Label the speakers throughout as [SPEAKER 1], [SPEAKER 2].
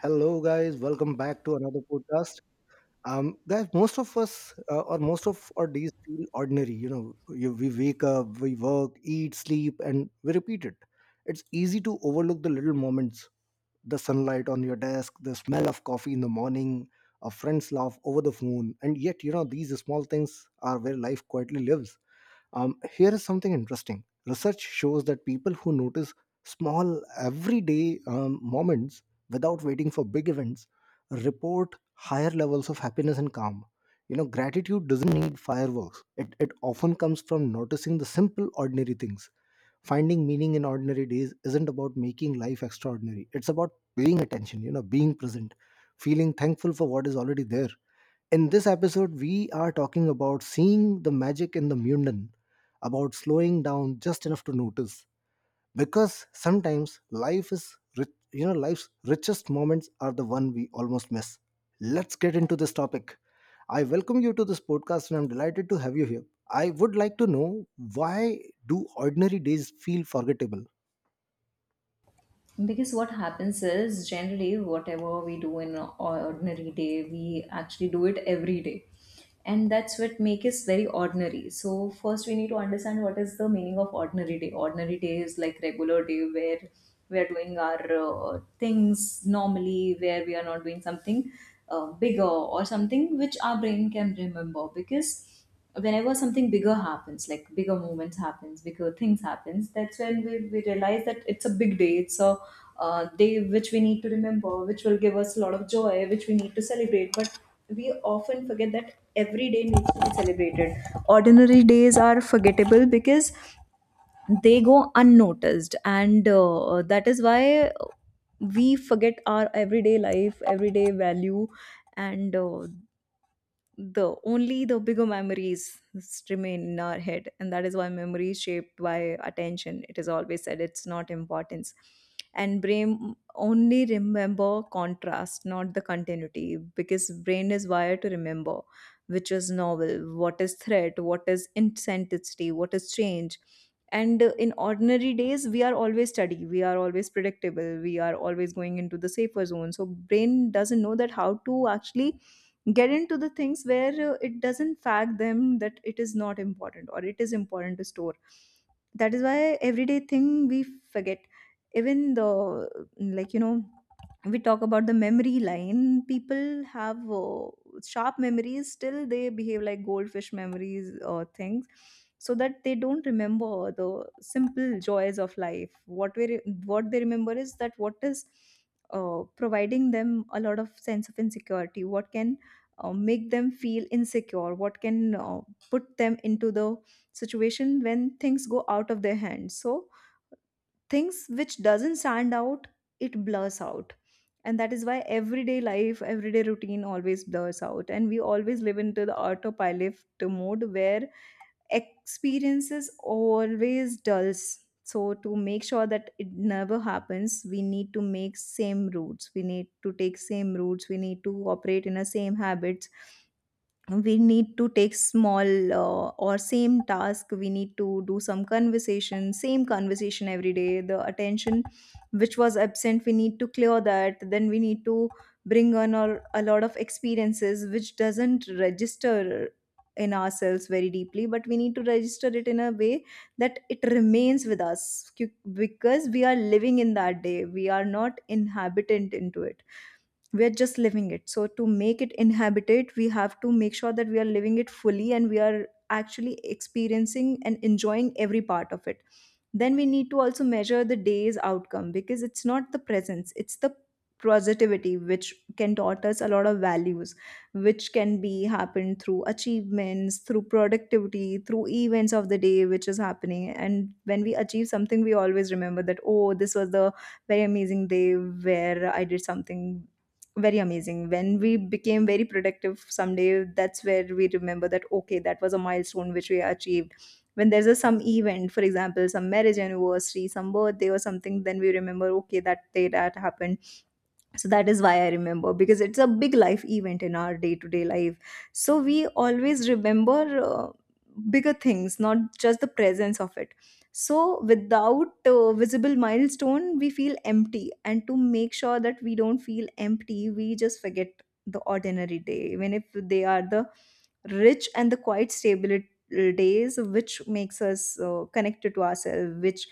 [SPEAKER 1] Hello, guys. Welcome back to another podcast. Guys, most of us or most of our days feel ordinary. We wake up, we work, eat, sleep, and we repeat it. It's easy to overlook the little moments, the sunlight on your desk, the smell of coffee in the morning, a friend's laugh over the phone. And yet, these small things are where life quietly lives. Here is something interesting. Research shows that people who notice small everyday moments without waiting for big events report higher levels of happiness and calm. You know, gratitude doesn't need fireworks. It often comes from noticing the simple, ordinary things. Finding meaning in ordinary days isn't about making life extraordinary. It's about paying attention, being present, feeling thankful for what is already there. In this episode, we are talking about seeing the magic in the mundane, about slowing down just enough to notice. Because sometimes life is rich, you know, life's richest moments are the one we almost miss. Let's get into this topic. I welcome you to this podcast and I'm delighted to have you here. I would like to know why do ordinary days feel forgettable?
[SPEAKER 2] Because what happens is generally whatever we do in an ordinary day, we actually do it every day. And that's what makes us very ordinary. So first we need to understand what is the meaning of ordinary day. Ordinary day is like regular day where we are doing our things normally, where we are not doing something bigger or something which our brain can remember. Because whenever something bigger happens, like bigger moments happens, bigger things happens, that's when we realize that it's a big day. It's a day which we need to remember, which will give us a lot of joy, which we need to celebrate. But we often forget that every day needs to be celebrated. Ordinary days are forgettable because they go unnoticed, and that is why we forget our everyday life, everyday value. And the only the bigger memories remain in our head, and that is why memory is shaped by attention, it is always said, it's not importance. And brain only remember contrast, not the continuity, because brain is wired to remember which is novel, what is threat, what is intensity, what is change. And in ordinary days we are always steady, we are always predictable, we are always going into the safer zone, so brain doesn't know that how to actually get into the things where it doesn't fact them that it is not important or it is important to store. That is why everyday thing we forget. Even the, like you know, we talk about the memory line, people have sharp memories, still they behave like goldfish memories or things, so that they don't remember the simple joys of life. What they remember is that what is providing them a lot of sense of insecurity, what can make them feel insecure, what can put them into the situation when things go out of their hands. So things which doesn't stand out, it blurs out. And that is why everyday life, everyday routine always blurs out. And we always live into the autopilot mode where experiences always dulls. So to make sure that it never happens, we need to make same routes. We need to take same routes. We need to operate in a same habits, we need to take small or same task, we need to do some conversation, same conversation every day. The attention which was absent, we need to clear that, then we need to bring on or a lot of experiences which doesn't register in ourselves very deeply, but we need to register it in a way that it remains with us. Because we are living in that day, we are not inhabitant into it, we're just living it. So to make it inhabited we have to make sure that we are living it fully and we are actually experiencing and enjoying every part of it. Then we need to also measure the day's outcome, because it's not the presence, it's the positivity which can taught us a lot of values, which can be happened through achievements, through productivity, through events of the day which is happening. And when we achieve something we always remember that, oh, this was the very amazing day where I did something very amazing. When we became very productive someday, that's where we remember that, okay, that was a milestone which we achieved. When there's a, some event, for example, some marriage anniversary, some birthday or something, then we remember, okay, that day that happened. So that is why I remember, because it's a big life event in our day to day life. So we always remember bigger things, not just the presence of it. So without visible milestone we feel empty, and to make sure that we don't feel empty we just forget the ordinary day, even if they are the rich and the quiet stable days which makes us connected to ourselves, which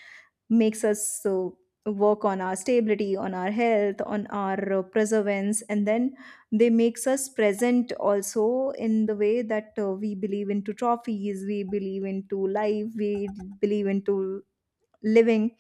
[SPEAKER 2] makes us so work on our stability, on our health, on our perseverance, and then they makes us present also in the way that we believe into trophies, we believe into life, we believe into living.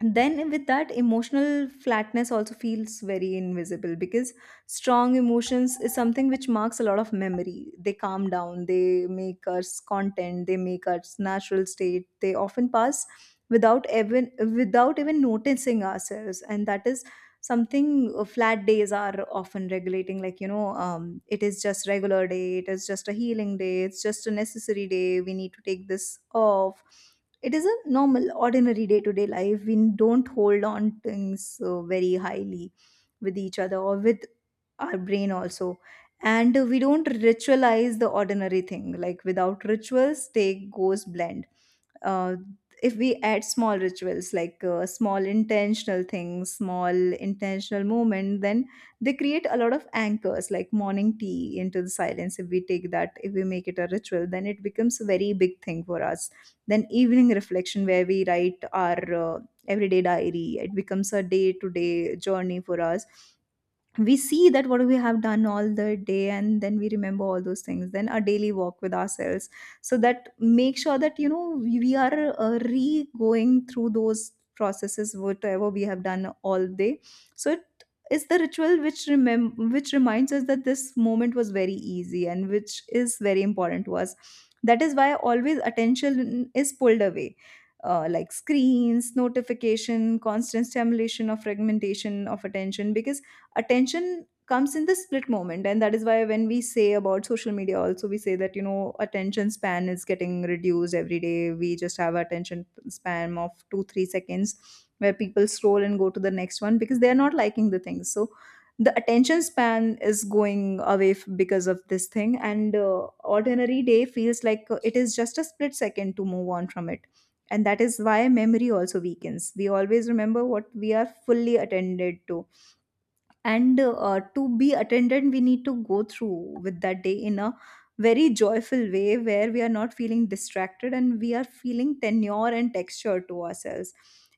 [SPEAKER 2] And then with that, emotional flatness also feels very invisible, because strong emotions is something which marks a lot of memory. They calm down, they make us content, they make us natural state, they often pass without even, without even noticing ourselves. And that is something, flat days are often regulating, like you know, it is just regular day, it is just a healing day, it's just a necessary day, we need to take this off. It is a normal ordinary day to day life, we don't hold on things very highly with each other or with our brain also. And we don't ritualize the ordinary thing, like without rituals take goes blend. uh, if we add small rituals, like small intentional things, small intentional movement, then they create a lot of anchors, like morning tea into the silence. If we take that, if we make it a ritual, then it becomes a very big thing for us. Then evening reflection where we write our uh, everyday diary, it becomes a day to day journey for us. We see that what we have done all the day and then we remember all those things. Then a daily walk with ourselves, so that make sure that you know we are re going through those processes, whatever we have done all day. So it is the ritual which which reminds us that this moment was very easy and which is very important to us. That is why always attention is pulled away, like screens, notification, constant stimulation of fragmentation of attention, because attention comes in the split moment. And that is why when we say about social media also, we say that, you know, attention span is getting reduced every day. We just have attention span of 2 3 seconds where people scroll and go to the next one because they are not liking the things. So the attention span is going away because of this thing. And ordinary day feels like it is just a split second to move on from it. And that is why memory also weakens, we always remember what we are fully attended to. And to be attendant we need to go through with that day in a very joyful way, where we are not feeling distracted and we are feeling tenure and texture to ourselves.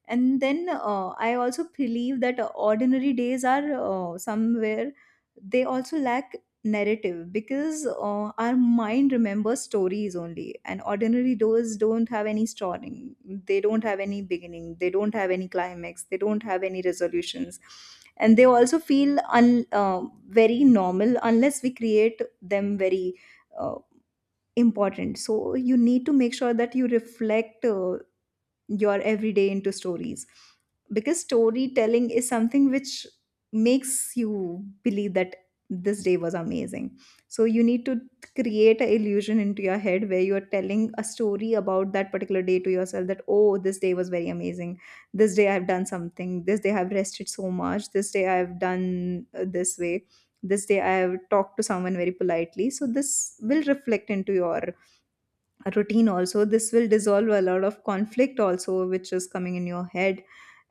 [SPEAKER 2] And then, I also believe that ordinary days are, somewhere they also lack narrative, because our mind remembers stories only, and ordinary doors don't have any starting, they don't have any beginning, they don't have any climax, they don't have any resolutions. And they also feel very normal unless we create them very uh, important. So you need to make sure that you reflect your everyday into stories, because storytelling is something which makes you believe that this day was amazing. So you need to create an illusion into your head where you're telling a story about that particular day to yourself, that oh, this day was very amazing, this day I've done something, this day I've rested so much, this day I've done this way, this day I've talked to someone very politely. So this will reflect into your a routine also, this will dissolve a lot of conflict also which is coming in your head.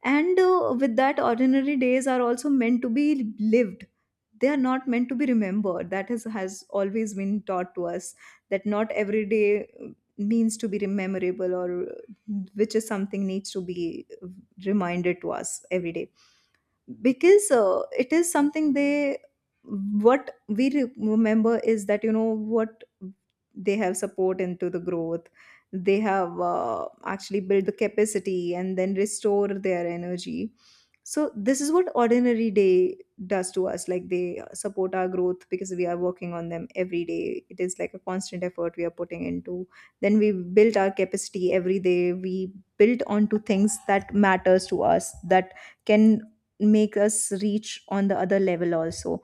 [SPEAKER 2] And with that, ordinary days are also meant to be lived, they are not meant to be remembered. That is, has always been taught to us, that not every day means to be memorable, or which is something needs to be reminded to us every day. Because it is something, they, remember is that, you know what, they have support into the growth, they have actually built the capacity and then restore their energy. So this is what ordinary day does to us. Like they support our growth because we are working on them every day, it is like a constant effort we are putting into. Then we build our capacity every day, we build onto things that matters to us, that can make us reach on the other level also.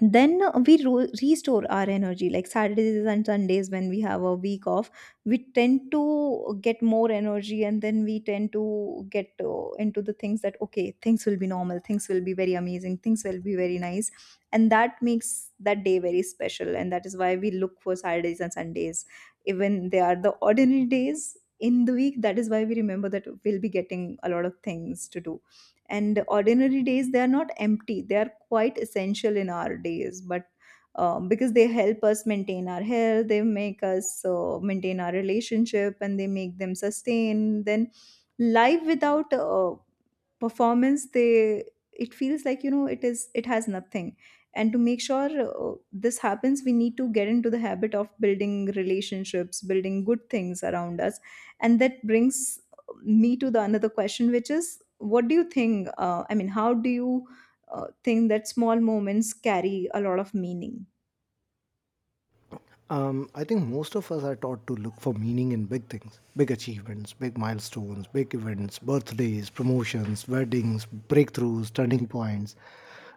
[SPEAKER 2] Then we restore our energy, like Saturdays and Sundays when we have a week off, we tend to get more energy, and then we tend to get into the things that okay, things will be normal, things will be very amazing, things will be very nice. And that makes that day very special, and that is why we look for Saturdays and Sundays. Even they are the ordinary days in the week, that is why we remember that we'll be getting a lot of things to do. And ordinary days, they are not empty, they are quite essential in our days, but because they help us maintain our health, they make us maintain our relationship and they make them sustain. Then life without performance, they it feels like you know it is it has nothing. And to make sure this happens, we need to get into the habit of building relationships, building good things around us. And that brings me to the another question, which is, what do you think? I mean, how do you think that small moments carry a lot of meaning?
[SPEAKER 1] I think most of us are taught to look for meaning in big things, big achievements, big milestones, big events, birthdays, promotions, weddings, breakthroughs, turning points.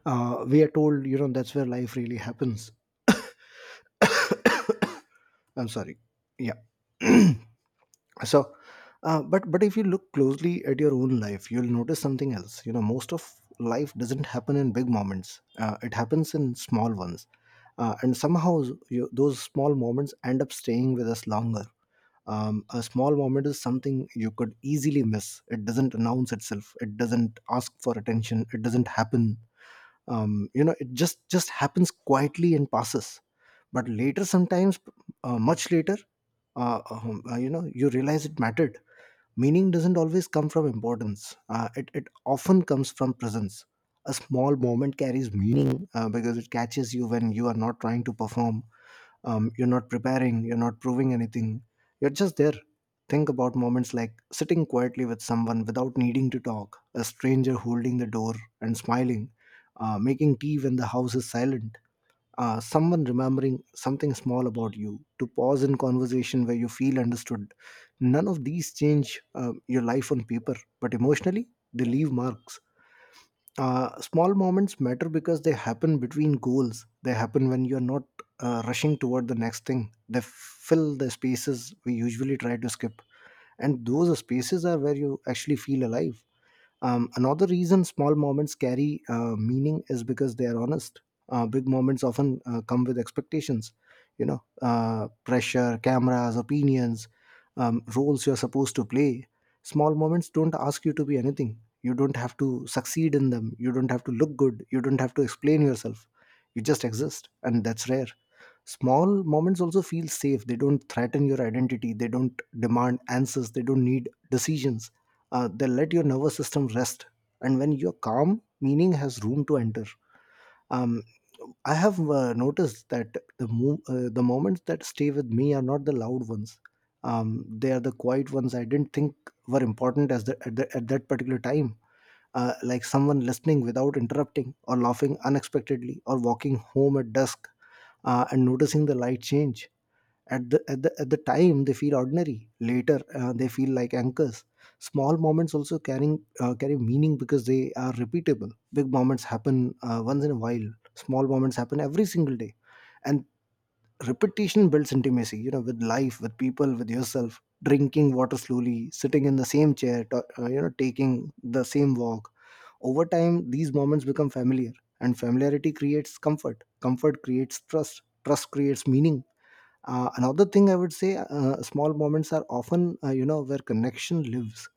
[SPEAKER 1] We are told, you know, that's where life really happens. I'm sorry. Yeah. so but if you look closely at your own life, you'll notice something else. You know, most of life doesn't happen in big moments, it happens in small ones. And somehow those small moments end up staying with us longer. A small moment is something you could easily miss. It doesn't announce itself, it doesn't ask for attention, it doesn't happen. It just happens quietly and passes, but later, sometimes, much later, you know, you realize it mattered. Meaning doesn't always come from importance, it often comes from presence. A small moment carries meaning because it catches you when you are not trying to perform, you're not preparing, you're not proving anything, you're just there. Think about moments like sitting quietly with someone without needing to talk, a stranger holding the door and smiling, making tea when the house is silent, someone remembering something small about you, to pause in conversation where you feel understood. None of these change your life on paper, but emotionally, they leave marks. Small moments matter because they happen between goals. They happen when you're not rushing toward the next thing. They fill the spaces we usually try to skip. And those spaces are where you actually feel alive. Another reason small moments carry meaning is because they are honest. Big moments often come with expectations, you know, pressure, cameras, opinions, roles you're supposed to play. Small moments don't ask you to be anything. You don't have to succeed in them. You don't have to look good. You don't have to explain yourself. You just exist, and that's rare. Small moments also feel safe. They don't threaten your identity. They don't demand answers. They don't need decisions. They let your nervous system rest. And when you're calm, meaning has room to enter. Um, I have noticed that the moments that stay with me are not the loud ones. They are the quiet ones I didn't think were important as the, at that particular time. Like someone listening without interrupting, or laughing unexpectedly, or walking home at dusk, and noticing the light change. At the time, they feel ordinary. Later, they feel like anchors. Small moments also carry meaning because they are repeatable. Big moments happen once in a while, small moments happen every single day. And repetition builds intimacy, you know, with life, with people, with yourself. Drinking water slowly, sitting in the same chair, taking the same walk over time, these moments become familiar, and familiarity creates comfort. Comfort creates trust. Trust creates meaning. Another thing I would say, small moments are often, where connection lives.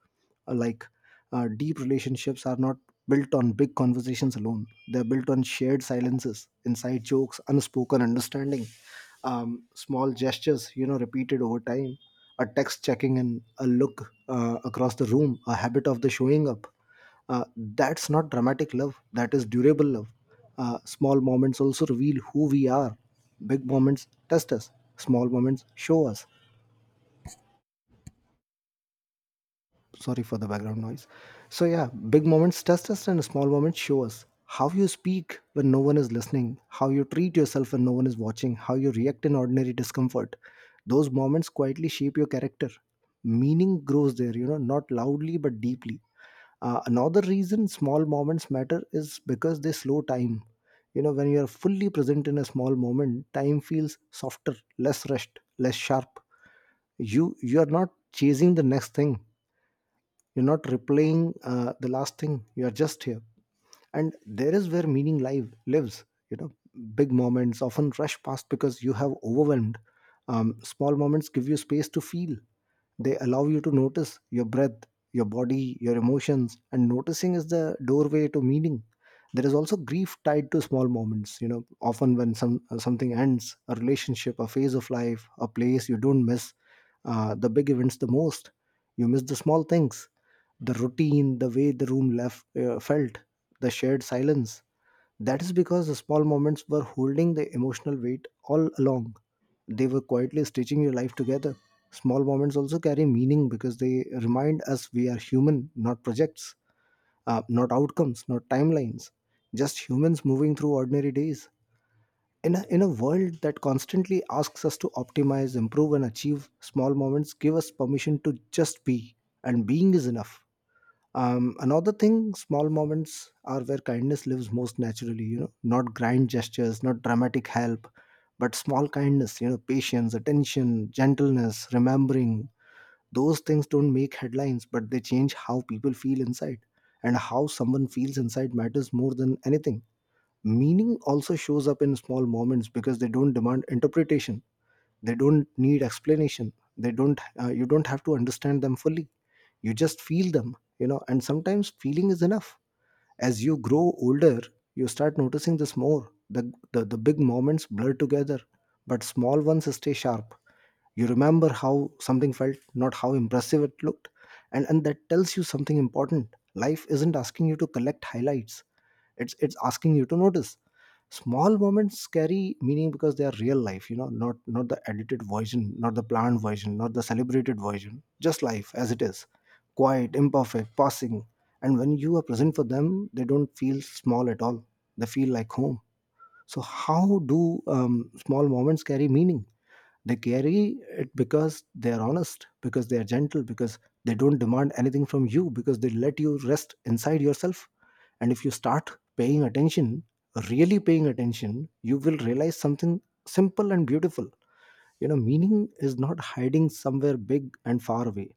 [SPEAKER 1] Like deep relationships are not built on big conversations alone. They're built on shared silences, inside jokes, unspoken understanding, small gestures, you know, repeated over time, a text checking in, a look across the room, a habit of the showing up uh, that's not dramatic love, that is durable love. Small moments also reveal who we are. Big moments test us, small moments show us. Sorry for the background noise. So yeah, big moments test us and small moments show us how you speak when no one is listening, how you treat yourself when no one is watching, how you react in ordinary discomfort. Those moments quietly shape your character. Meaning grows there, you know, not loudly but deeply. Another reason small moments matter is because they slow time. You know, when you are fully present in a small moment, time feels softer, less rushed, less sharp. You are not chasing the next thing, you're not replaying the last thing. You are just here, and there is where meaning lives. You know, big moments often rush past because you have overwhelmed. Small moments give you space to feel. They allow you to notice your breath, your body, your emotions, and noticing is the doorway to meaning. There is also grief tied to small moments. You know, often when something ends, a relationship, a phase of life, a place, you don't miss the big events the most. You miss the small things, the routine, the way the room left felt, the shared silence. That is because the small moments were holding the emotional weight all along. They were quietly stitching your life together. Small moments also carry meaning because they remind us we are human, not projects, not outcomes, not timelines, just humans moving through ordinary days. In a world that constantly asks us to optimize, improve, and achieve, small moments give us permission to just be, and being is enough. Another thing, small moments are where kindness lives most naturally, you know, not grand gestures, not dramatic help, but small kindness, you know, patience, attention, gentleness, remembering. Those things don't make headlines, but they change how people feel inside. And how someone feels inside matters more than anything. Meaning also shows up in small moments because they don't demand interpretation, they don't need explanation, they don't, you don't have to understand them fully, you just feel them, you know, and sometimes feeling is enough. As you grow older, you start noticing this more. The big moments blur together, but small ones stay sharp. You remember how something felt, not how impressive it looked. And that tells you something important. Life isn't asking you to collect highlights, it's asking you to notice. Small moments carry meaning because they are real life, you know, not the edited version, not the planned version, not the celebrated version, just life as it is, quiet, imperfect, passing. And when you are present for them, they don't feel small at all, they feel like home. So how do small moments carry meaning? They carry it because they are honest, because they are gentle, because they don't demand anything from you, because they let you rest inside yourself. And if you start paying attention, really paying attention, you will realize something simple and beautiful. You know, meaning is not hiding somewhere big and far away.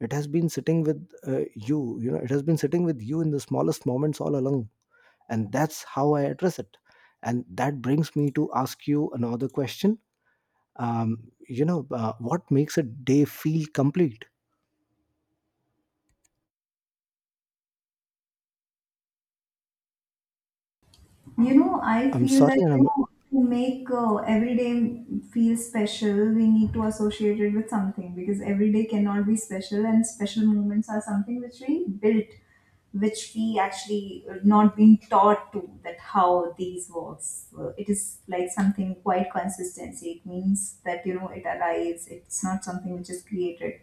[SPEAKER 1] It has been sitting with it has been sitting with you in the smallest moments all along. And that's how I address it. And that brings me to ask you another question. What makes a day feel complete?
[SPEAKER 2] You know, I
[SPEAKER 1] i'm
[SPEAKER 2] feel
[SPEAKER 1] sorry
[SPEAKER 2] that you
[SPEAKER 1] i'm
[SPEAKER 2] know, to make every day feel special, we need to associate it with something, because every day cannot be special, and special moments are something which we built, which we actually not been taught to that how these works. It is like something quite consistency. It means that you know it arrives. It's not something which is created.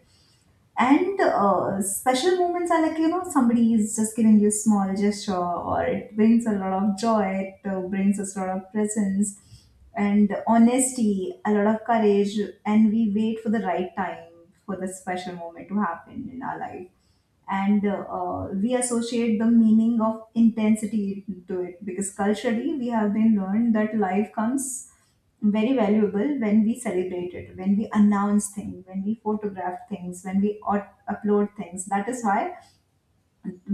[SPEAKER 2] And special moments are like, you know, somebody is just giving you small gesture or it brings a lot of joy, it brings us a lot of presence and honesty, a lot of courage. And we wait for the right time for the special moment to happen in our life. And we associate the meaning of intensity to it, because culturally we have been learned that life comes very valuable when we celebrate it, when we announce things, when we photograph things, when we upload things. That is why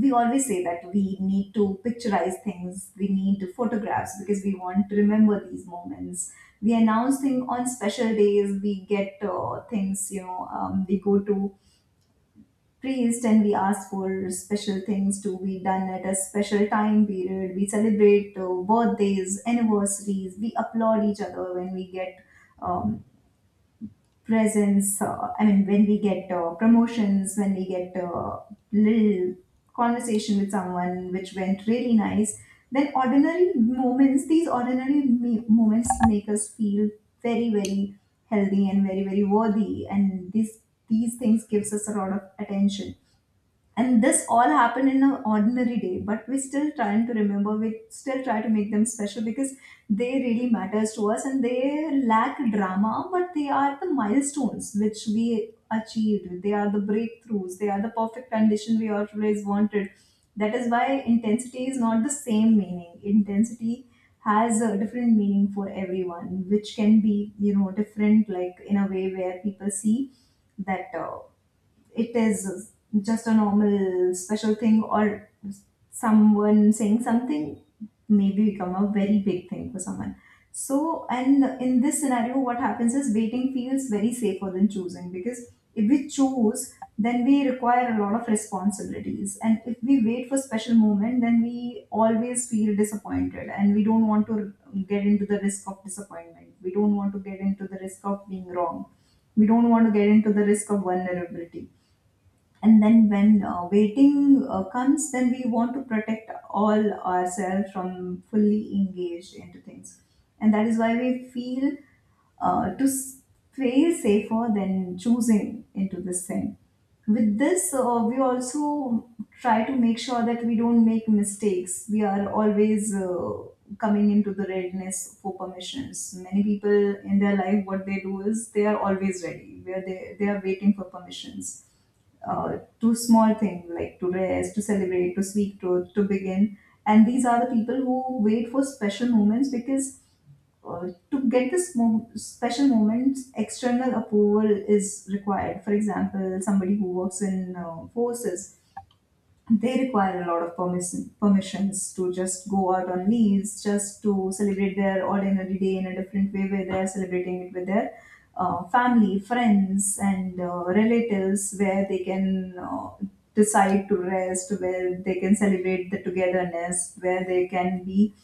[SPEAKER 2] we always say that we need to picturize things, we need photographs because we want to remember these moments. We announce things on special days, we get things, you know, we go to priest and we ask for special things to be done at a special time period. We celebrate birthdays, anniversaries, we applaud each other when we get um, presence. I mean, when we get promotions, when we get little conversation with someone which went really nice, then ordinary moments, these moments make us feel very, very healthy and very, very worthy. And this, these things gives us a lot of attention. And this all happened in an ordinary day, but we still trying to remember, we still try to make them special because they really matters to us and they lack drama, but they are the milestones which we achieved, they are the breakthroughs, they are the perfect condition we always wanted. That is why intensity is not the same meaning. Intensity has a different meaning for everyone, which can be you know different, like in a way where people see that it is just a normal special thing, or someone saying something maybe become a very big thing for someone. So and in this scenario what happens is waiting feels very safer than choosing, because if we choose, then we require a lot of responsibilities, and if we wait for special moment then we always feel disappointed and we don't want to get into the risk of disappointment, we don't want to get into the risk of being wrong, we don't want to get into the risk of vulnerability. And then when waiting comes, then we want to protect all ourselves from fully engaged into things. And that is why we feel uh, to s- fail safer than choosing into this thing. With this we also try to make sure that we don't make mistakes, we are always coming into the readiness for permissions. Many people in their life, what they do is they are always ready where they are waiting for permissions to small things, like to rest, to celebrate, to speak truth, to begin. And these are the people who wait for special moments, because to get special moments, external approval is required. For example, somebody who works in forces, they require a lot of permissions to just go out on leaves, just to celebrate their ordinary day in a different way, where they're celebrating it with their family, friends, and relatives, where they can decide to rest, where they can celebrate the togetherness, where they can be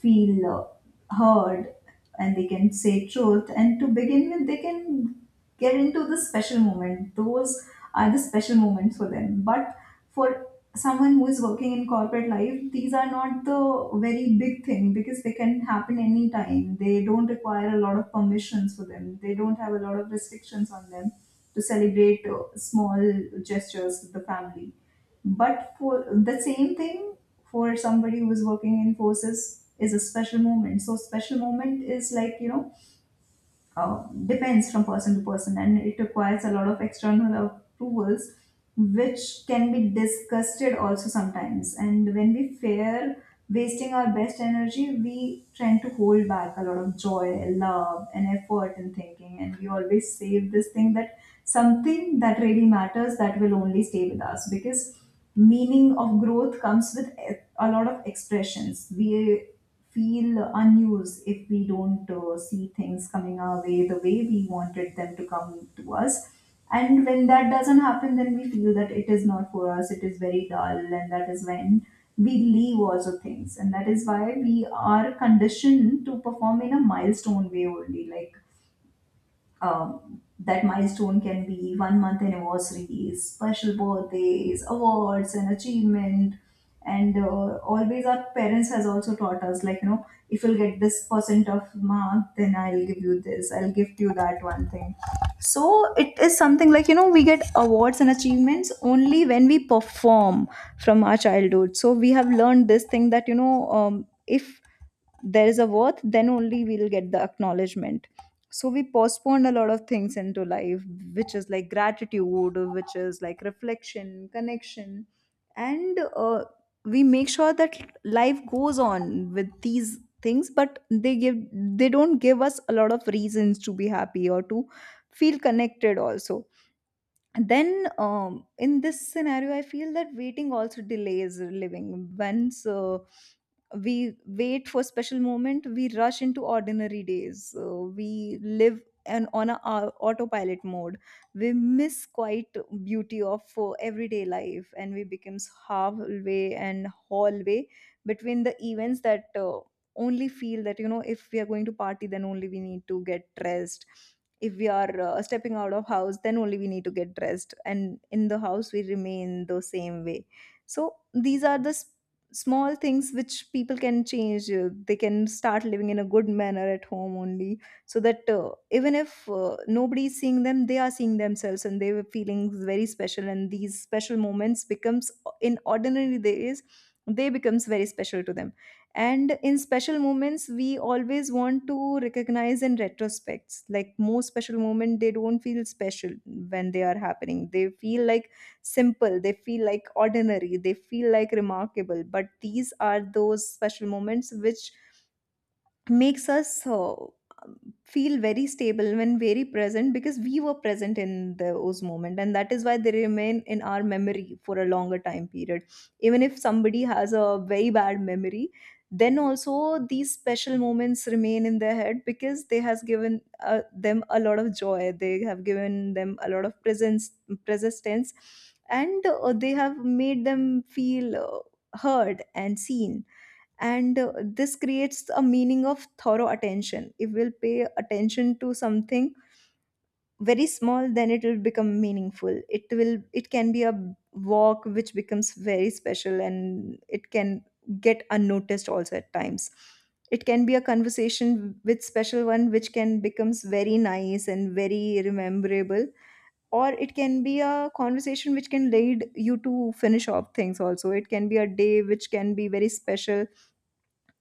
[SPEAKER 2] feel heard, and they can say truth, and to begin with they can get into the special moment. Those are the special moments for them, but for someone who is working in corporate life, these are not the very big thing because they can happen anytime, they don't require a lot of permissions for them, they don't have a lot of restrictions on them to celebrate small gestures with the family. But for the same thing, for somebody who's working in forces, is a special moment. So special moment is like, you know, depends from person to person, and it requires a lot of external approvals, which can be disgusted also sometimes. And when we fear wasting our best energy, we tend to hold back a lot of joy, love and effort in thinking, and we always save this thing that something that really matters, that will only stay with us, because meaning of growth comes with a lot of expressions. We feel unused if we don't see things coming our way the way we wanted them to come to us. And when that doesn't happen, then we feel that it is not for us, it is very dull, and that is when we leave also things. And that is why we are conditioned to perform in a milestone way only. Like that milestone can be one month anniversaries, special birthdays, awards, and achievement. And always our parents has also taught us like you know, if you'll get this percent of mark, then I'll give you this, I'll gift you that one thing. So it is something like you know we get awards and achievements only when we perform, from our childhood. So we have learned this thing that you know if there is a worth then only we'll get the acknowledgement. So we postpone a lot of things into life, which is like gratitude, which is like reflection, connection. And we make sure that life goes on with these things, but they give, they don't give us a lot of reasons to be happy or to feel connected also. And then in this scenario I feel that waiting also delays living. Once we wait for special moment, we rush into ordinary days, we live and on a autopilot mode, we miss quite beauty of everyday life, and we becomes halfway and hallway between the events, that only feel that you know if we are going to party, then only we need to get dressed, if we are stepping out of house, then only we need to get dressed, and in the house we remain the same way. So these are the small things which people can change. They can start living in a good manner at home only, so that even if nobody is seeing them, they are seeing themselves and they were feeling very special, and these special moments becomes in ordinary days, they becomes very special to them. And in special moments we always want to recognize in retrospects, like most special moment they don't feel special when they are happening, they feel like simple, they feel like ordinary, they feel like remarkable, but these are those special moments which makes us feel very stable when very present, because we were present in those moment, and that is why they remain in our memory for a longer time period. Even if somebody has a very bad memory, then also these special moments remain in their head, because they has given them a lot of joy, they have given them a lot of presence, persistence, and they have made them feel heard and seen. And this creates a meaning of thorough attention. If we'll pay attention to something very small, then it will become meaningful, it will, it can be a walk which becomes very special, and it can get unnoticed also at times. It can be a conversation with special one which can becomes very nice and very rememberable, or it can be a conversation which can lead you to finish off things also, it can be a day which can be very special,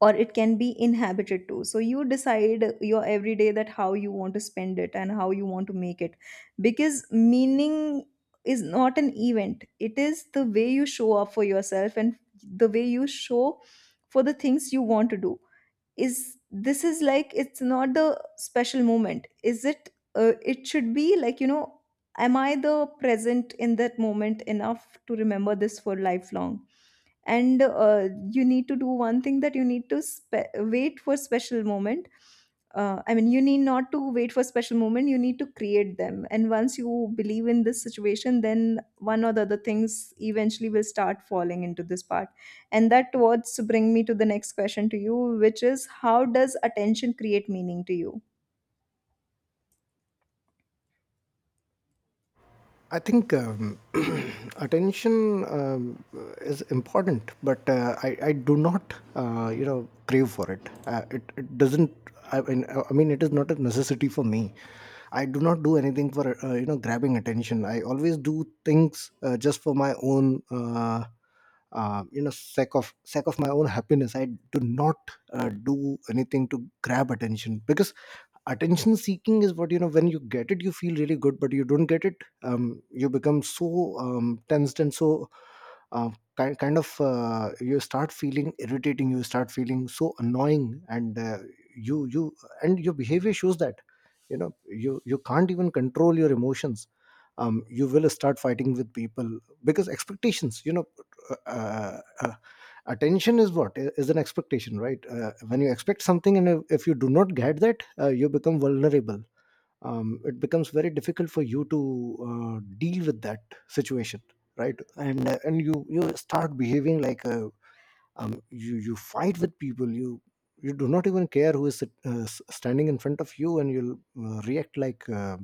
[SPEAKER 2] or it can be inhabited too. So you decide your everyday, that how you want to spend it and how you want to make it. Because meaning is not an event, it is the way you show up for yourself, and the way you show for the things you want to do. Is this is like it's not the special moment, is it, it should be like you know, am I the present in that moment enough to remember this for lifelong? And you need to do one thing, that you need to wait for special moment, I mean you need not to wait for special moment, you need to create them, and once you believe in this situation, then one or the other things eventually will start falling into this part. And that towards bring me to the next question to you, which is, how does attention create meaning to you?
[SPEAKER 1] I think attention is important, but I do not, crave for it. It. It doesn't. I mean, I mean, it is not a necessity for me. I do not do anything for grabbing attention. I always do things just for my own, sake of my own happiness. I do not do anything to grab attention, because attention seeking is, what you know, when you get it you feel really good, but you don't get it, you become so tensed and so uh, kind of you start feeling irritating, you start feeling so annoying. And you and your behavior shows that, you know, you can't even control your emotions. You will start fighting with people because expectations, you know, uh, uh, uh, attention is what is an expectation, right? When you expect something and if you do not get that, you become vulnerable. It becomes very difficult for you to deal with that situation, right? And you start behaving like a, you fight with people, you do not even care who is standing in front of you, and you'll react like,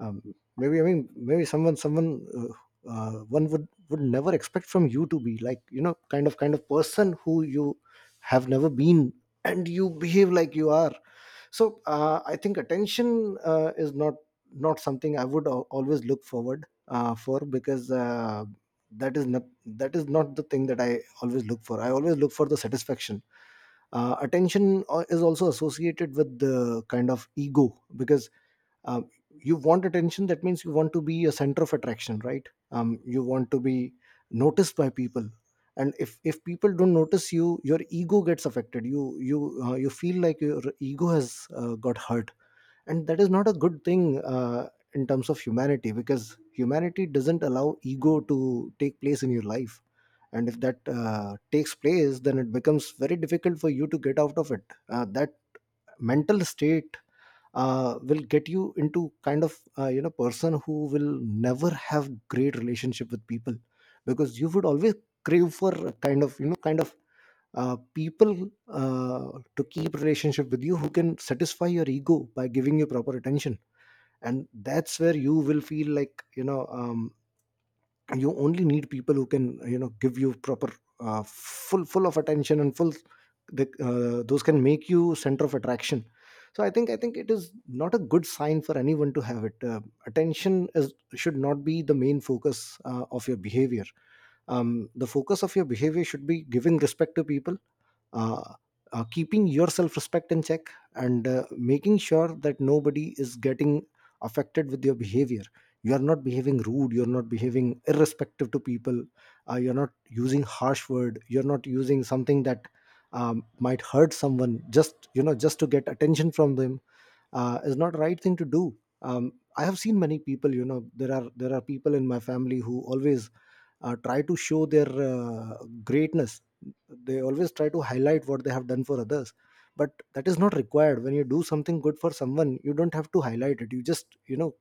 [SPEAKER 1] um, maybe, I mean, maybe someone, one would never expect from you to be, like, you know, kind of person who you have never been, and you behave like you are. So I think attention is not something I would always look forward for, because that is not the thing that I always look for. I always look for the satisfaction. Attention is also associated with the kind of ego, because um, you want attention, that means you want to be a center of attraction, right? You want to be noticed by people, and if people don't notice you, your ego gets affected. You you feel like your ego has got hurt, and that is not a good thing in terms of humanity, because humanity doesn't allow ego to take place in your life. And if that takes place, then it becomes very difficult for you to get out of it. That mental state will get you into kind of, you know, person who will never have great relationship with people, because you would always crave for a kind of, you know, kind of people to keep relationship with you, who can satisfy your ego by giving you proper attention. And that's where you will feel like, you know, you only need people who can, you know, give you proper full of attention and full, those can make you center of attraction. So I think it is not a good sign for anyone to have it. Attention is should not be the main focus of your behavior. The focus of your behavior should be giving respect to people, uh, keeping your self respect in check, and making sure that nobody is getting affected with your behavior. You are not behaving rude, you're not behaving irrespective to people, you're not using harsh word, you're not using something that might hurt someone just, you know, just to get attention from them. Is not right thing to do. I have seen many people. You know, there are people in my family who always try to show their greatness. They always try to highlight what they have done for others, but that is not required. When you do something good for someone, you don't have to highlight it. You just, you know,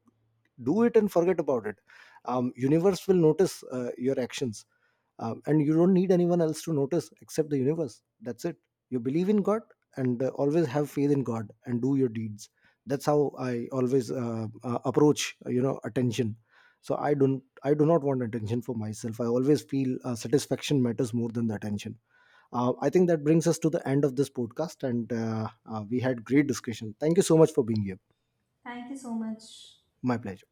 [SPEAKER 1] do it and forget about it. Universe will notice your actions. And you don't need anyone else to notice except the universe, that's it. You believe in god, and always have faith in god and do your deeds. That's how I always approach, you know, attention. So I do not want attention for myself. I always feel satisfaction matters more than the attention. I think that brings us to the end of this podcast, and we had great discussion. Thank you so much for being here.
[SPEAKER 2] Thank you so much.
[SPEAKER 1] My pleasure.